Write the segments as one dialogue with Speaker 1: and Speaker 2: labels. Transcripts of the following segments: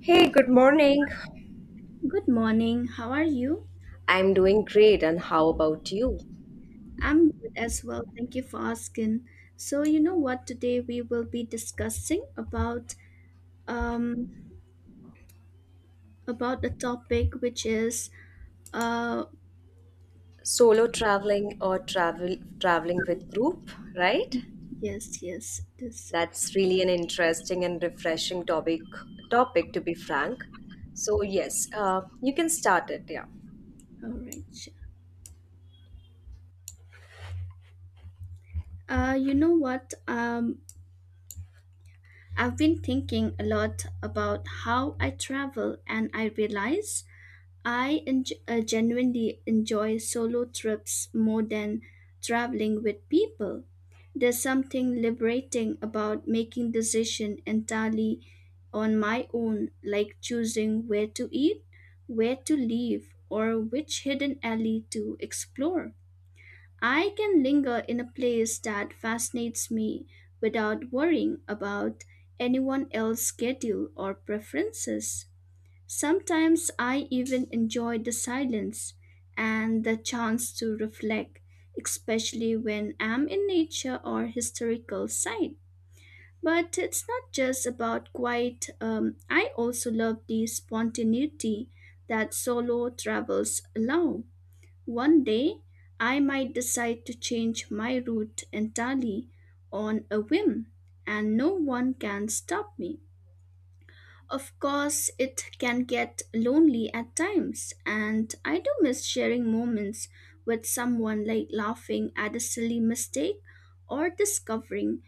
Speaker 1: Hey, good morning.
Speaker 2: Good morning. How are you?
Speaker 1: I'm doing great, and how about you?
Speaker 2: I'm good as well. Thank you for asking. So, you know what? Today we will be discussing um about a topic which is uh
Speaker 1: Solo traveling or traveling with group, right?
Speaker 2: yes, yes. this
Speaker 1: That's really an interesting and refreshing topic to be frank. So yes, you can start it. Yeah.
Speaker 2: All right, sure. You know what? I've been thinking a lot about how I travel, and I realize I genuinely enjoy solo trips more than traveling with people. There's something liberating about making decision entirely on my own, like choosing where to eat, where to live, or which hidden alley to explore. I can linger in a place that fascinates me without worrying about anyone else's schedule or preferences. Sometimes I even enjoy the silence and the chance to reflect, especially when I'm in nature or historical site. But it's not just about quiet. I also love the spontaneity that solo travels allow. One day, I might decide to change my route entirely on a whim, and no one can stop me. Of course, it can get lonely at times, and I do miss sharing moments with someone like laughing at a silly mistake or discovering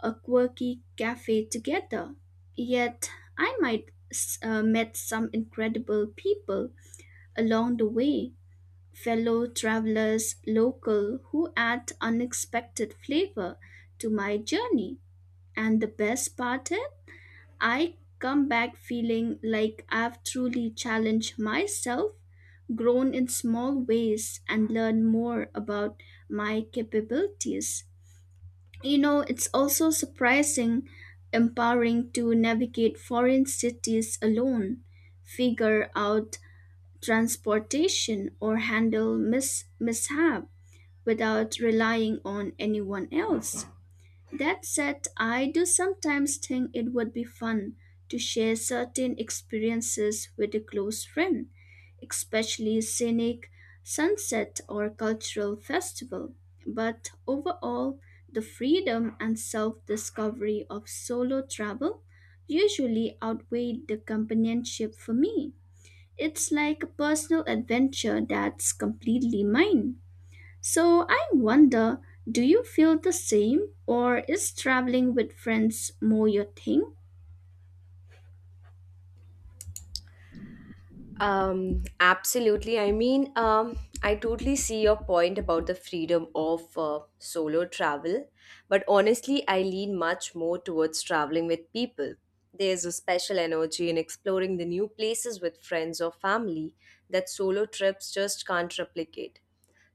Speaker 2: a quirky cafe together. Yet, met some incredible people along the way, fellow travelers, local who add unexpected flavor to my journey. And the best part is I come back feeling like I've truly challenged myself, grown in small ways, and learned more about my capabilities. You know, it's also surprising, empowering to navigate foreign cities alone, figure out transportation, or handle mishap without relying on anyone else. That said, I do sometimes think it would be fun to share certain experiences with a close friend, especially scenic sunset or cultural festival. But overall, the freedom and self-discovery of solo travel usually outweigh the companionship for me. It's like a personal adventure that's completely mine. So I wonder, do you feel the same, or is traveling with friends more your thing?
Speaker 1: Absolutely. I mean, I totally see your point about the freedom of solo travel, but honestly, I lean much more towards traveling with people. There's a special energy in exploring the new places with friends or family that solo trips just can't replicate.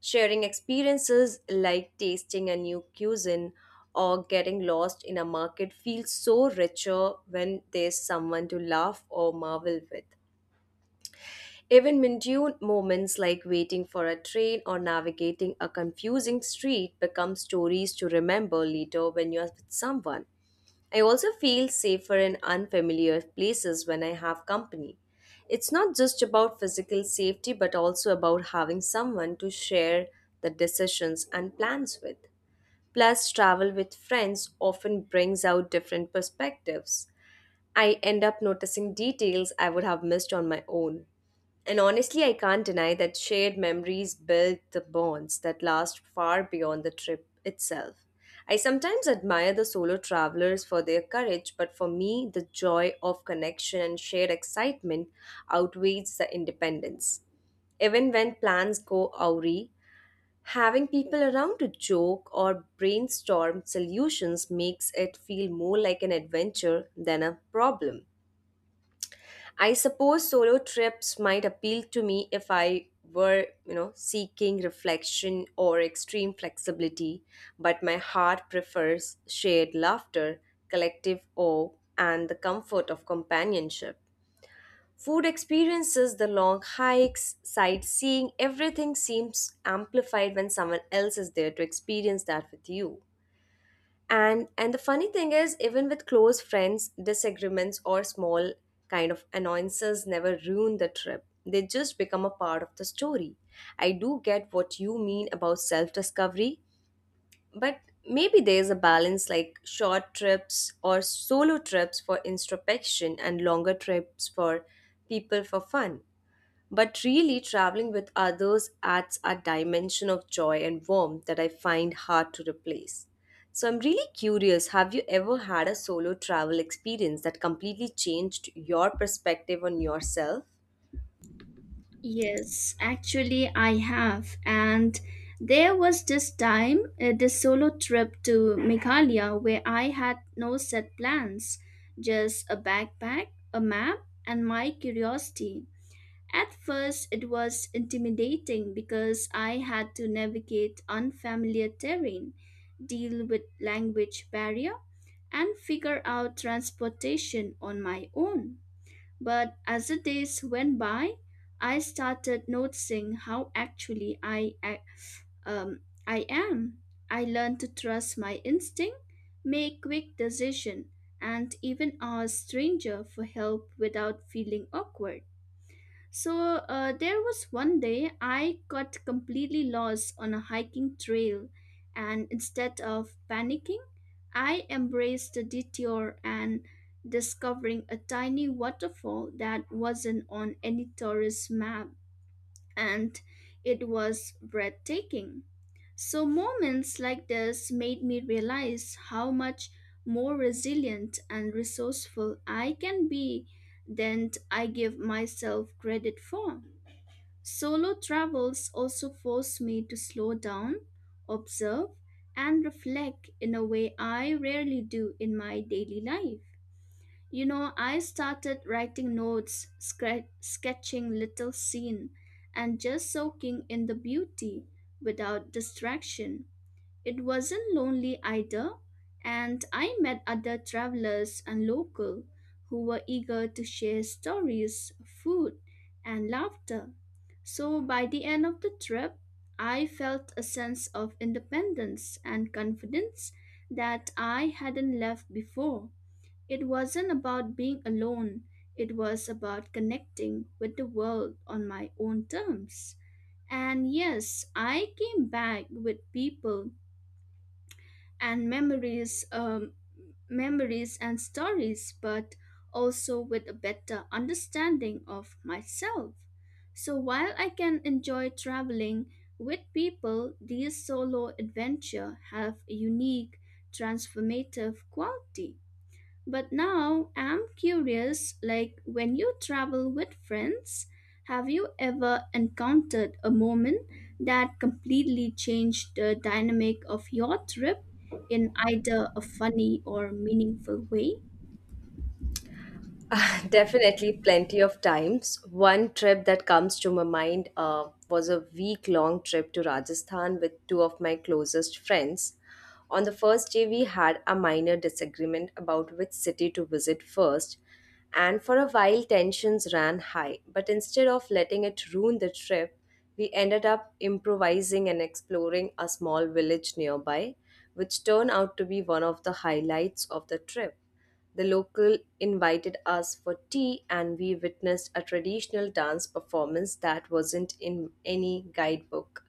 Speaker 1: Sharing experiences like tasting a new cuisine or getting lost in a market feels so richer when there's someone to laugh or marvel with. Even mundane moments like waiting for a train or navigating a confusing street become stories to remember later when you are with someone. I also feel safer in unfamiliar places when I have company. It's not just about physical safety but also about having someone to share the decisions and plans with. Plus, travel with friends often brings out different perspectives. I end up noticing details I would have missed on my own. And honestly, I can't deny that shared memories build the bonds that last far beyond the trip itself. I sometimes admire the solo travelers for their courage, but for me, the joy of connection and shared excitement outweighs the independence. Even when plans go awry, having people around to joke or brainstorm solutions makes it feel more like an adventure than a problem. I suppose solo trips might appeal to me if I were, you know, seeking reflection or extreme flexibility, but my heart prefers shared laughter, collective awe, and the comfort of companionship. Food experiences, the long hikes, sightseeing, everything seems amplified when someone else is there to experience that with you. And the funny thing is, even with close friends, disagreements or small kind of annoyances never ruin the trip. They just become a part of the story. I do get what you mean about self-discovery, but maybe there's a balance like short trips or solo trips for introspection and longer trips for people for fun. But really, traveling with others adds a dimension of joy and warmth that I find hard to replace. So I'm really curious, have you ever had a solo travel experience that completely changed your perspective on yourself?
Speaker 2: Yes, actually I have, and there was this time this solo trip to Meghalaya where I had no set plans, just a backpack, a map, and my curiosity. At first it was intimidating because I had to navigate unfamiliar terrain, deal with language barrier, and figure out transportation on my own. But as the days went by, I started noticing how actually um, I am. I learned to trust my instinct, make quick decisions, and even ask stranger for help without feeling awkward. So there was one day I got completely lost on a hiking trail, and instead of panicking, I embraced the detour and discovering a tiny waterfall that wasn't on any tourist map, and it was breathtaking. So moments like this made me realize how much more resilient and resourceful I can be than I give myself credit for. Solo travels also forced me to slow down, observe, and reflect in a way I rarely do in my daily life. You know, I started writing notes, sketching little scene, and just soaking in the beauty without distraction. It wasn't lonely either, and I met other travelers and local who were eager to share stories, food, and laughter. So by the end of the trip, I felt a sense of independence and confidence that I hadn't left before. It wasn't about being alone, it was about connecting with the world on my own terms. And yes, I came back with people and memories and stories, but also with a better understanding of myself. So while I can enjoy traveling with people, these solo adventure have a unique transformative quality. But now I'm curious, like when you travel with friends, have you ever encountered a moment that completely changed the dynamic of your trip in either a funny or meaningful way?
Speaker 1: Ah, definitely, plenty of times. One trip that comes to my mind was a week long trip to Rajasthan with two of my closest friends. On the first day, we had a minor disagreement about which city to visit first, and for a while, tensions ran high. But instead of letting it ruin the trip, we ended up improvising and exploring a small village nearby, which turned out to be one of the highlights of the trip. The local invited us for tea, and we witnessed a traditional dance performance that wasn't in any guidebook.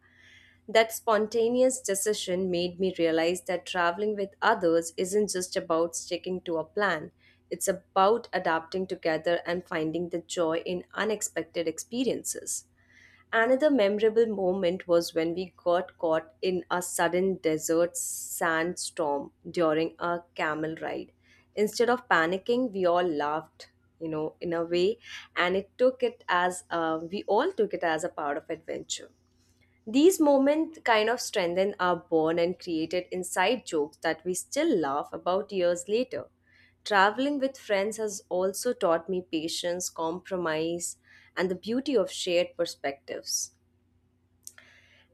Speaker 1: That spontaneous decision made me realize that traveling with others isn't just about sticking to a plan, it's about adapting together and finding the joy in unexpected experiences. Another memorable moment was when we got caught in a sudden desert sandstorm during a camel ride. Instead of panicking, we all laughed, you know, in a way, and it took it as we all took it as a part of adventure. These moments kind of strengthen our bond and created inside jokes that we still laugh about years later. Traveling with friends has also taught me patience, compromise, and the beauty of shared perspectives.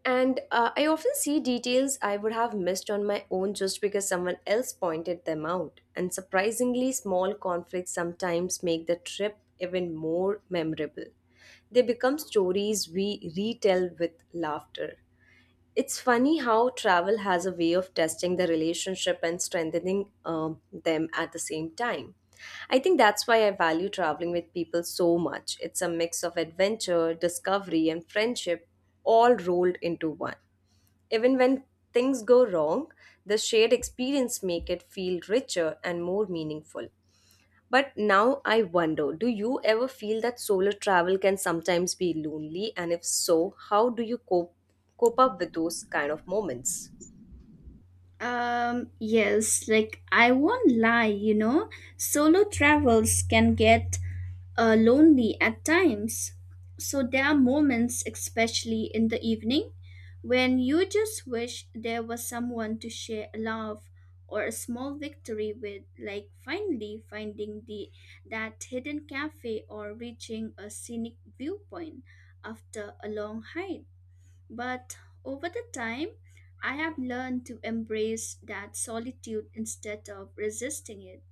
Speaker 1: And I often see details I would have missed on my own just because someone else pointed them out. And surprisingly, small conflicts sometimes make the trip even more memorable. They become stories we retell with laughter. It's funny how travel has a way of testing the relationship and strengthening them at the same time. I think that's why I value traveling with people so much. It's a mix of adventure, discovery, and friendship all rolled into one. Even when things go wrong, the shared experience make it feel richer and more meaningful. But now I wonder, do you ever feel that solo travel can sometimes be lonely? And if so, how do you cope up with those kind of moments?
Speaker 2: Yes, like I won't lie, you know, solo travels can get lonely at times. So there are moments, especially in the evening, when you just wish there was someone to share a laugh or a small victory with, like finally finding the that hidden cafe or reaching a scenic viewpoint after a long hike. But over the time, I have learned to embrace that solitude instead of resisting it.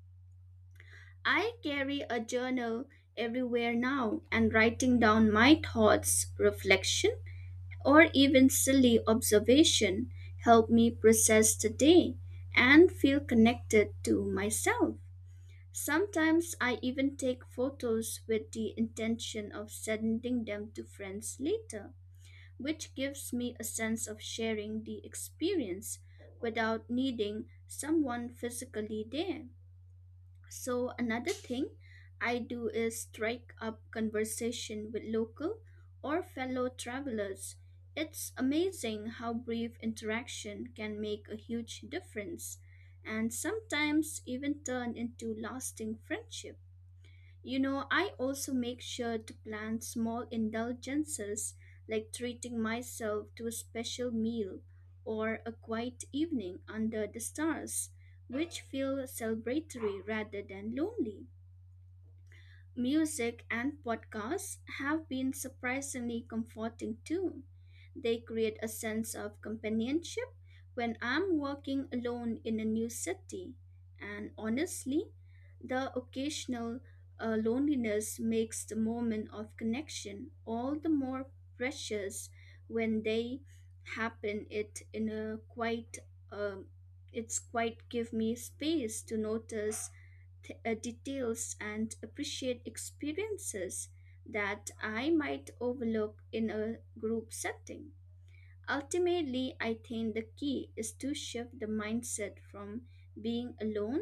Speaker 2: I carry a journal everywhere now, and writing down my thoughts, reflection, or even silly observation help me process the day and feel connected to myself. Sometimes I even take photos with the intention of sending them to friends later, which gives me a sense of sharing the experience without needing someone physically there. So, another thing I do is strike up conversation with local or fellow travelers. It's amazing how brief interaction can make a huge difference, and sometimes even turn into lasting friendship. You know, I also make sure to plan small indulgences like treating myself to a special meal or a quiet evening under the stars, which feel celebratory rather than lonely. Music and podcasts have been surprisingly comforting too. They create a sense of companionship when I'm working alone in a new city. And honestly, the occasional loneliness makes the moment of connection all the more precious when they happen. It in a quite, um, it's quite give me space to notice details and appreciate experiences that I might overlook in a group setting. Ultimately, I think the key is to shift the mindset from being alone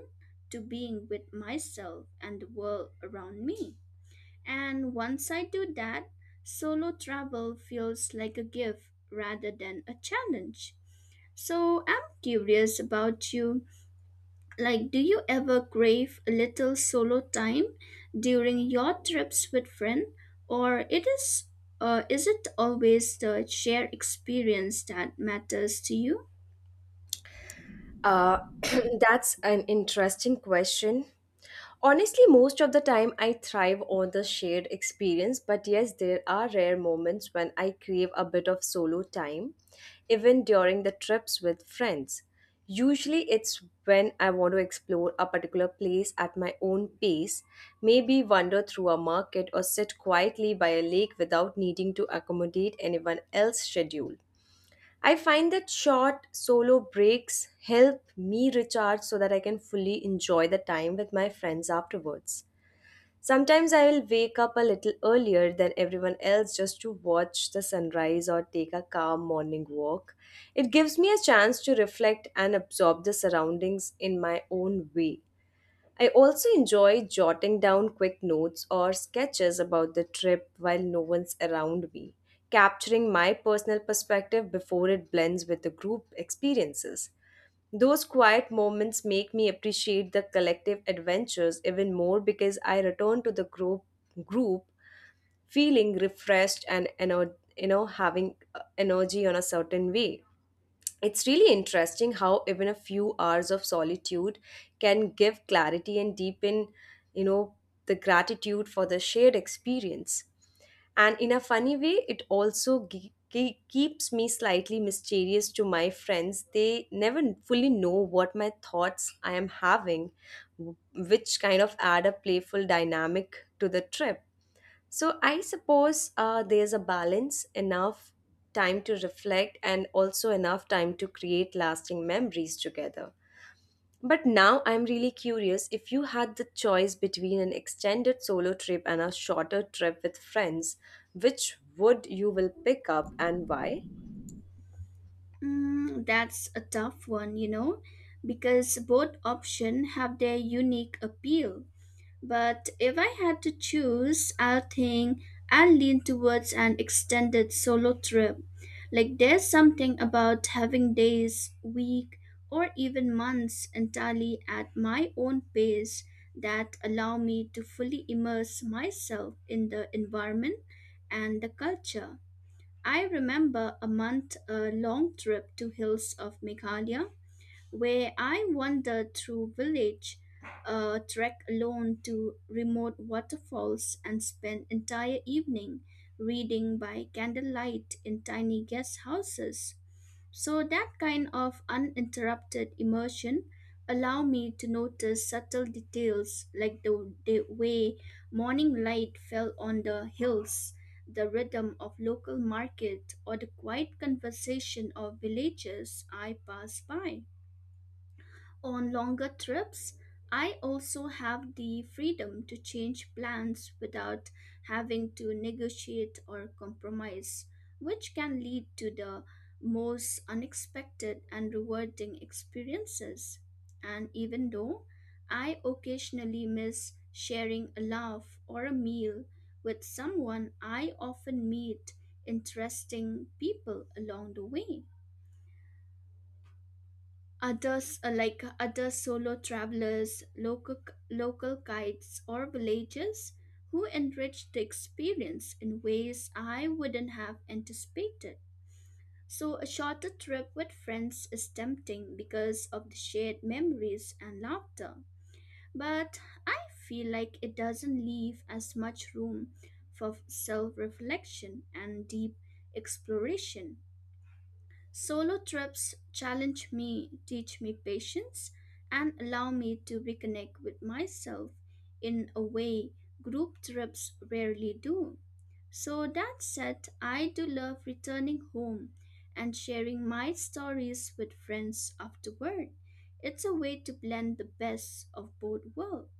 Speaker 2: to being with myself and the world around me. And once I do that, solo travel feels like a gift rather than a challenge. So I'm curious about you. Like, do you ever crave a little solo time during your trips with friends, or is it always the shared experience that matters to you?
Speaker 1: Uh, that's an interesting question. Honestly, most of the time I thrive on the shared experience, but yes, there are rare moments when I crave a bit of solo time, even during the trips with friends. Usually, it's when I want to explore a particular place at my own pace, maybe wander through a market or sit quietly by a lake without needing to accommodate anyone else's schedule. I find that short solo breaks help me recharge so that I can fully enjoy the time with my friends afterwards. Sometimes I will wake up a little earlier than everyone else just to watch the sunrise or take a calm morning walk. It gives me a chance to reflect and absorb the surroundings in my own way. I also enjoy jotting down quick notes or sketches about the trip while no one's around me, capturing my personal perspective before it blends with the group experiences. Those quiet moments make me appreciate the collective adventures even more because I return to the group feeling refreshed and you know, having energy on a certain way. It's really interesting how even a few hours of solitude can give clarity and deepen, you know, the gratitude for the shared experience. And in a funny way, it also keeps me slightly mysterious to my friends. They never fully know what my thoughts I am having, which kind of add a playful dynamic to the trip. So I suppose there's a balance, enough time to reflect and also enough time to create lasting memories together. But now I'm really curious, if you had the choice between an extended solo trip and a shorter trip with friends, which would you will pick up and why?
Speaker 2: Mm, that's a tough one, you know, because both options have their unique appeal. But if I had to choose, I think I'll lean towards an extended solo trip. Like there's something about having days, week, or even months entirely at my own pace that allow me to fully immerse myself in the environment and the culture. I remember a month long trip to hills of Meghalaya where I wandered through village, trek alone to remote waterfalls, and spent entire evening reading by candlelight in tiny guest houses. So that kind of uninterrupted immersion allow me to notice subtle details like the way morning light fell on the hills, the rhythm of local market, or the quiet conversation of villagers I passed by. On longer trips, I also have the freedom to change plans without having to negotiate or compromise, which can lead to the most unexpected and rewarding experiences. And even though I occasionally miss sharing a laugh or a meal with someone, I often meet interesting people along the way. Others, like other solo travelers, local guides, or villagers, who enrich the experience in ways I wouldn't have anticipated. So, a shorter trip with friends is tempting because of the shared memories and laughter. But I feel like it doesn't leave as much room for self reflection and deep exploration. Solo trips challenge me, teach me patience, and allow me to reconnect with myself in a way group trips rarely do. So, that said, I do love returning home and sharing my stories with friends afterward. It's a way to blend the best of both worlds.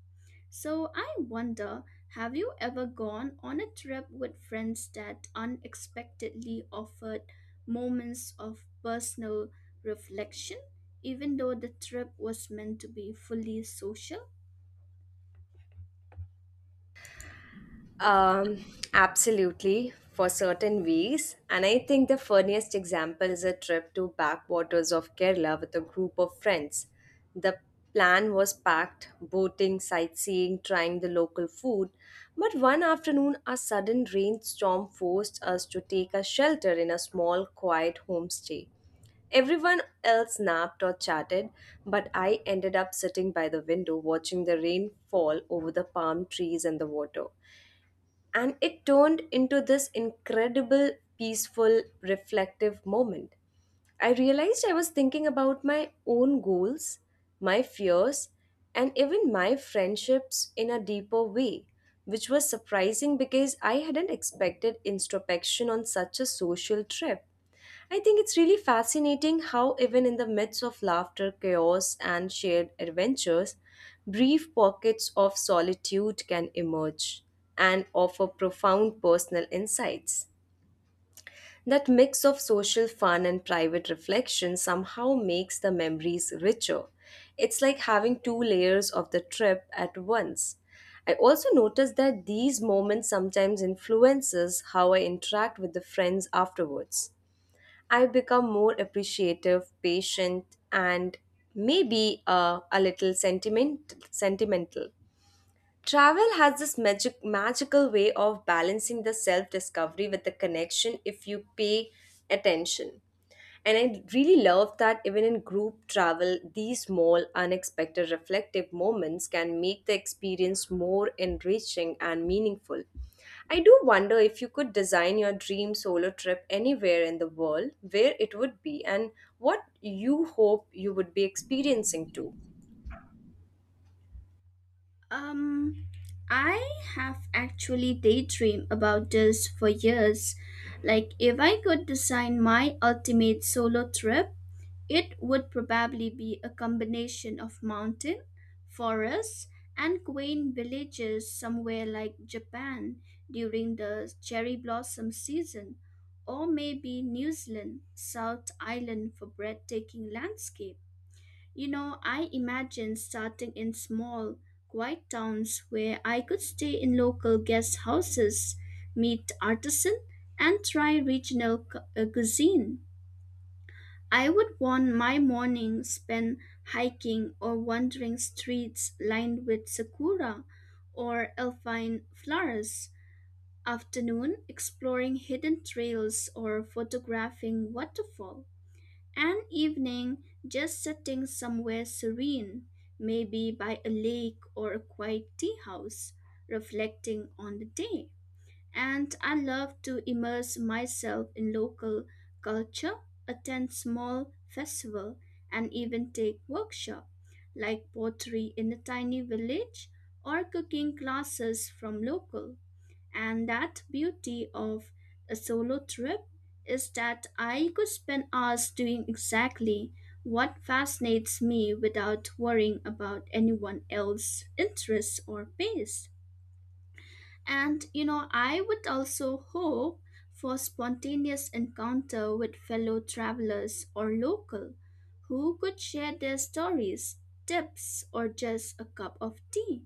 Speaker 2: So I wonder, have you ever gone on a trip with friends that unexpectedly offered moments of personal reflection, even though the trip was meant to be fully social?
Speaker 1: Um, absolutely, for certain ways. And I think the funniest example is a trip to backwaters of Kerala with a group of friends. The plan was packed boating, sightseeing, trying the local food. But one afternoon, a sudden rainstorm forced us to take a shelter in a small, quiet homestay. Everyone else napped or chatted, but I ended up sitting by the window watching the rain fall over the palm trees and the water, and it turned into this incredible peaceful reflective moment. I realized I was thinking about my own goals, my fears, and even my friendships in a deeper way, which was surprising because I hadn't expected introspection on such a social trip. I think it's really fascinating how, even in the midst of laughter, chaos, and shared adventures, brief pockets of solitude can emerge and offer profound personal insights. That mix of social fun and private reflection somehow makes the memories richer. It's like having two layers of the trip at once. I also noticed that these moments sometimes influences how I interact with the friends afterwards. I've become more appreciative, patient, and maybe a little sentimental. Travel has this magical way of balancing the self discovery with the connection if you pay attention. And I really love that even in group travel, these small, unexpected, reflective moments can make the experience more enriching and meaningful. I do wonder, if you could design your dream solo trip anywhere in the world, where it would be, and what you hope you would be experiencing too.
Speaker 2: Um, I have actually daydreamed about this for years. Like, if I could design my ultimate solo trip, it would probably be a combination of mountain, forests, and quaint villages somewhere like Japan during the cherry blossom season, or maybe New Zealand, South Island for breathtaking landscape. You know, I imagine starting in small, quiet towns where I could stay in local guest houses, meet artisan, and try regional cuisine. I would want my morning spent hiking or wandering streets lined with sakura or alpine flowers, afternoon exploring hidden trails or photographing waterfall, and evening just sitting somewhere serene, maybe by a lake or a quiet tea house, reflecting on the day. And I love to immerse myself in local culture, attend small festival, and even take workshop like pottery in a tiny village or cooking classes from local. And that beauty of a solo trip is that I could spend hours doing exactly what fascinates me without worrying about anyone else's interests or pace. And you know, I would also hope for spontaneous encounter with fellow travelers or local who could share their stories, tips, or just a cup of tea.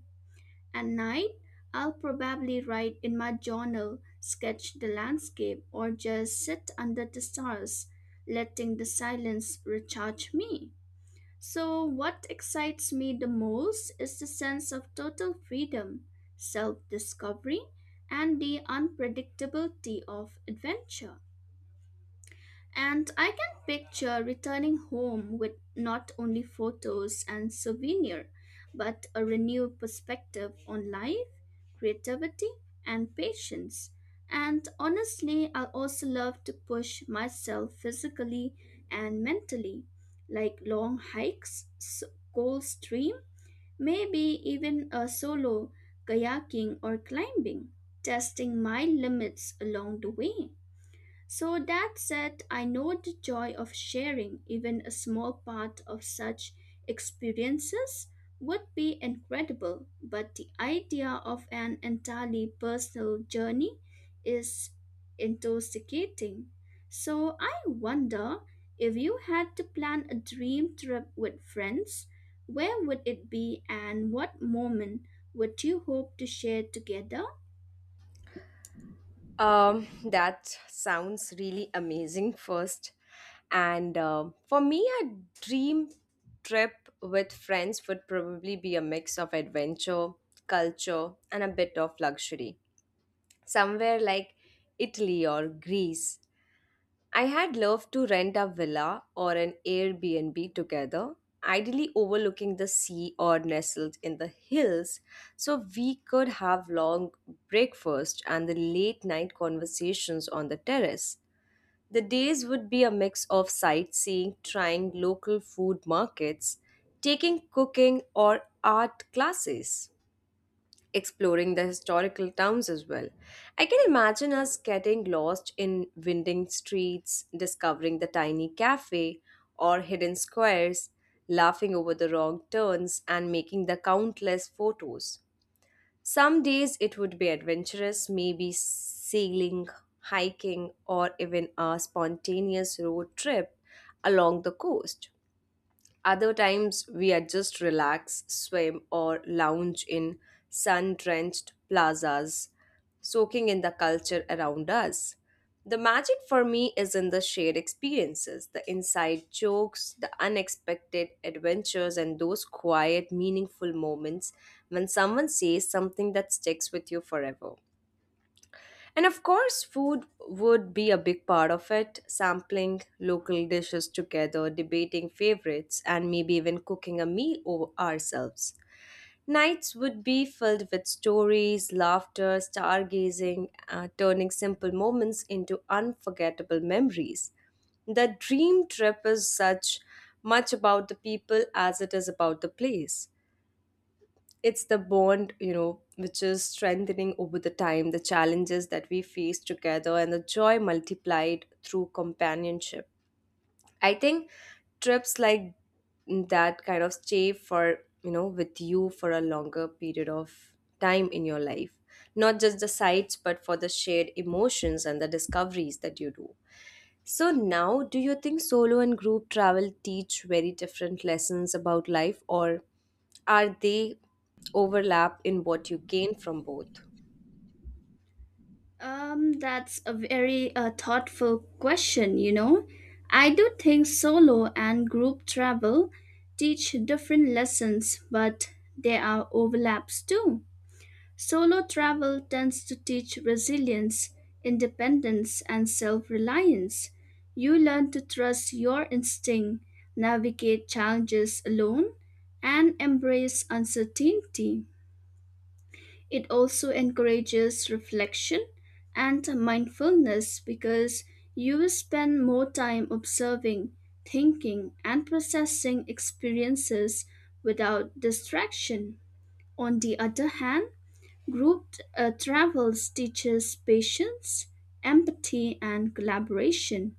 Speaker 2: At night, I'll probably write in my journal, sketch the landscape, or just sit under the stars, letting the silence recharge me. So, what excites me the most is the sense of total freedom, self discovery, and the unpredictability of adventure. And I can picture returning home with not only photos and souvenir, but a renewed perspective on life, creativity, and patience. And honestly, I also love to push myself physically and mentally, like long hikes, cold stream, maybe even a solo kayaking or climbing, testing my limits along the way. So that said, I know the joy of sharing even a small part of such experiences would be incredible, but the idea of an entirely personal journey is intoxicating. So I wonder, if you had to plan a dream trip with friends, where would it be and what moment would you hope to share together?
Speaker 1: That sounds really amazing first. And um, for me, a dream trip with friends would probably be a mix of adventure, culture, and a bit of luxury. Somewhere like Italy or Greece, I had loved to rent a villa or an Airbnb together, ideally overlooking the sea or nestled in the hills, so we could have long breakfast and the late night conversations on the terrace. The days would be a mix of sightseeing, trying local food markets, taking cooking or art classes, exploring the historical towns as well. I can imagine us getting lost in winding streets, discovering the tiny cafe or hidden squares, laughing over the wrong turns, and making the countless photos. Some days it would be adventurous, maybe sailing, hiking, or even a spontaneous road trip along the coast. Other times, we are just relax, swim, or lounge in sun drenched plazas, soaking in the culture around us. The magic for me is in the shared experiences, the inside jokes, the unexpected adventures, and those quiet, meaningful moments when someone says something that sticks with you forever. And of course, food would be a big part of it, sampling local dishes together, debating favorites, and maybe even cooking a meal over ourselves. Nights would be filled with stories, laughter, stargazing, turning simple moments into unforgettable memories. The dream trip is such much about the people as it is about the place. It's the bond, you know, which is strengthening over the time, the challenges that we face together, and the joy multiplied through companionship. I think trips like that kind of stay for, you know, with you for a longer period of time in your life, not just the sights but for the shared emotions and the discoveries that you do. So now, do you think solo and group travel teach very different lessons about life, or are they overlap in what you gain from both?
Speaker 2: That's a very thoughtful question, you know. I do think solo and group travel teach different lessons, but there are overlaps too. Solo travel tends to teach resilience, independence, and self reliance. You learn to trust your instinct, navigate challenges alone, and embrace uncertainty. It also encourages reflection and mindfulness because you will spend more time observing, thinking, and processing experiences without distraction. On the other hand, group travels teaches patience, empathy, and collaboration.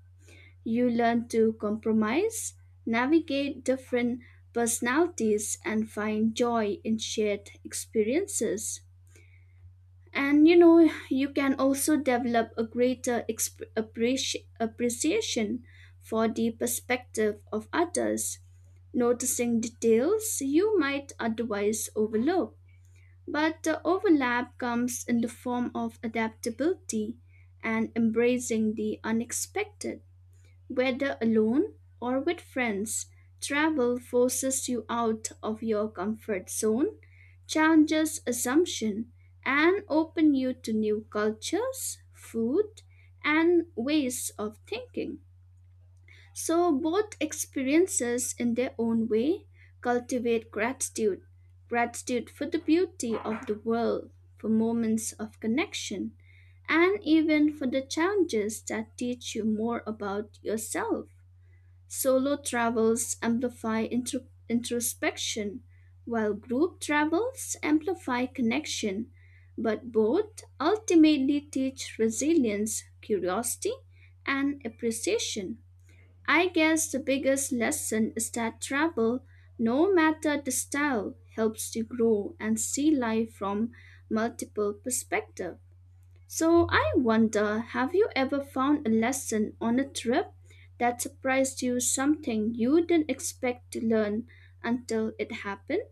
Speaker 2: You learn to compromise, navigate different personalities, and find joy in shared experiences. And you know, you can also develop a greater appreciation for the perspective of others, noticing details you might otherwise overlook. But the overlap comes in the form of adaptability and embracing the unexpected. Whether alone or with friends, travel forces you out of your comfort zone, challenges assumption, and open you to new cultures, food, and ways of thinking. So both experiences in their own way cultivate gratitude, for the beauty of the world, for moments of connection, and even for the challenges that teach you more about yourself. Solo travels amplify introspection, while group travels amplify connection, but both ultimately teach resilience, curiosity, and appreciation. I guess the biggest lesson is that travel, no matter the style, helps you grow and see life from multiple perspectives. So I wonder, have you ever found a lesson on a trip that surprised you, something you didn't expect to learn until it happened?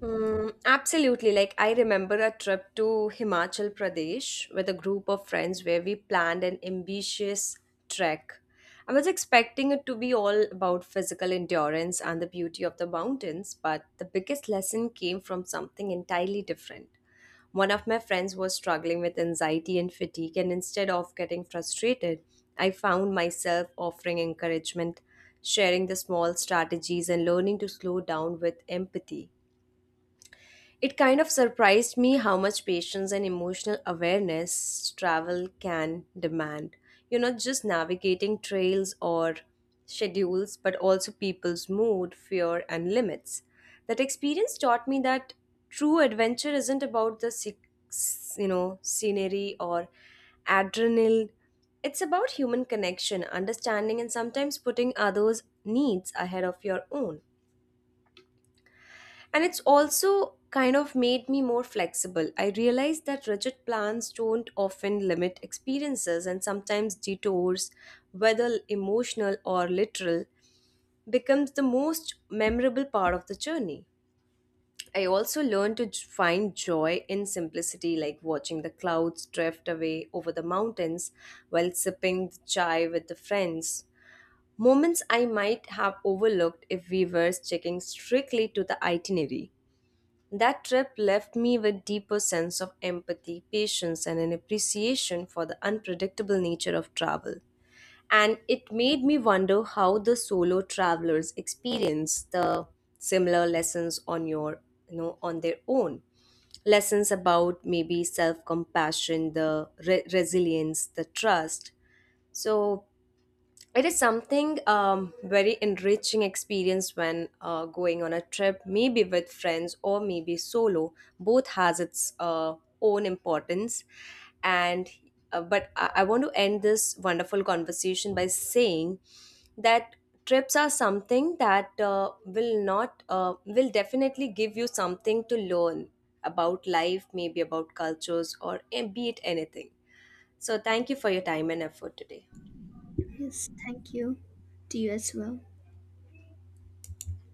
Speaker 1: Mm, absolutely. Like, I remember a trip to Himachal Pradesh with a group of friends where we planned an ambitious trek. I was expecting it to be all about physical endurance and the beauty of the mountains, but the biggest lesson came from something entirely different. One of my friends was struggling with anxiety and fatigue, and instead of getting frustrated, I found myself offering encouragement, sharing the small strategies, and learning to slow down with empathy. It kind of surprised me how much patience and emotional awareness travel can demand. You're not just navigating trails or schedules, but also people's mood, fear, and limits. That experience taught me that true adventure isn't about the you know, scenery or adrenaline. It's about human connection, understanding, and sometimes putting others' needs ahead of your own. And it's also kind of made me more flexible. I realized that rigid plans don't often limit experiences, and sometimes detours, whether emotional or literal, becomes the most memorable part of the journey. I also learned to find joy in simplicity, like watching the clouds drift away over the mountains while sipping the chai with the friends. Moments I might have overlooked if we were sticking strictly to the itinerary. That trip left me with deeper sense of empathy, patience and an appreciation for the unpredictable nature of travel. And it made me wonder how the solo travelers experience the similar lessons on your, you know, on their own. Lessons about maybe self compassion, the resilience, the trust. So it is something very enriching experience when going on a trip maybe with friends or maybe solo, both has its own importance, and but I want to end this wonderful conversation by saying that trips are something that will not will definitely give you something to learn about life, maybe about cultures or eh, be it anything. So thank you for your time and effort today.
Speaker 2: Yes, thank you. To you as well.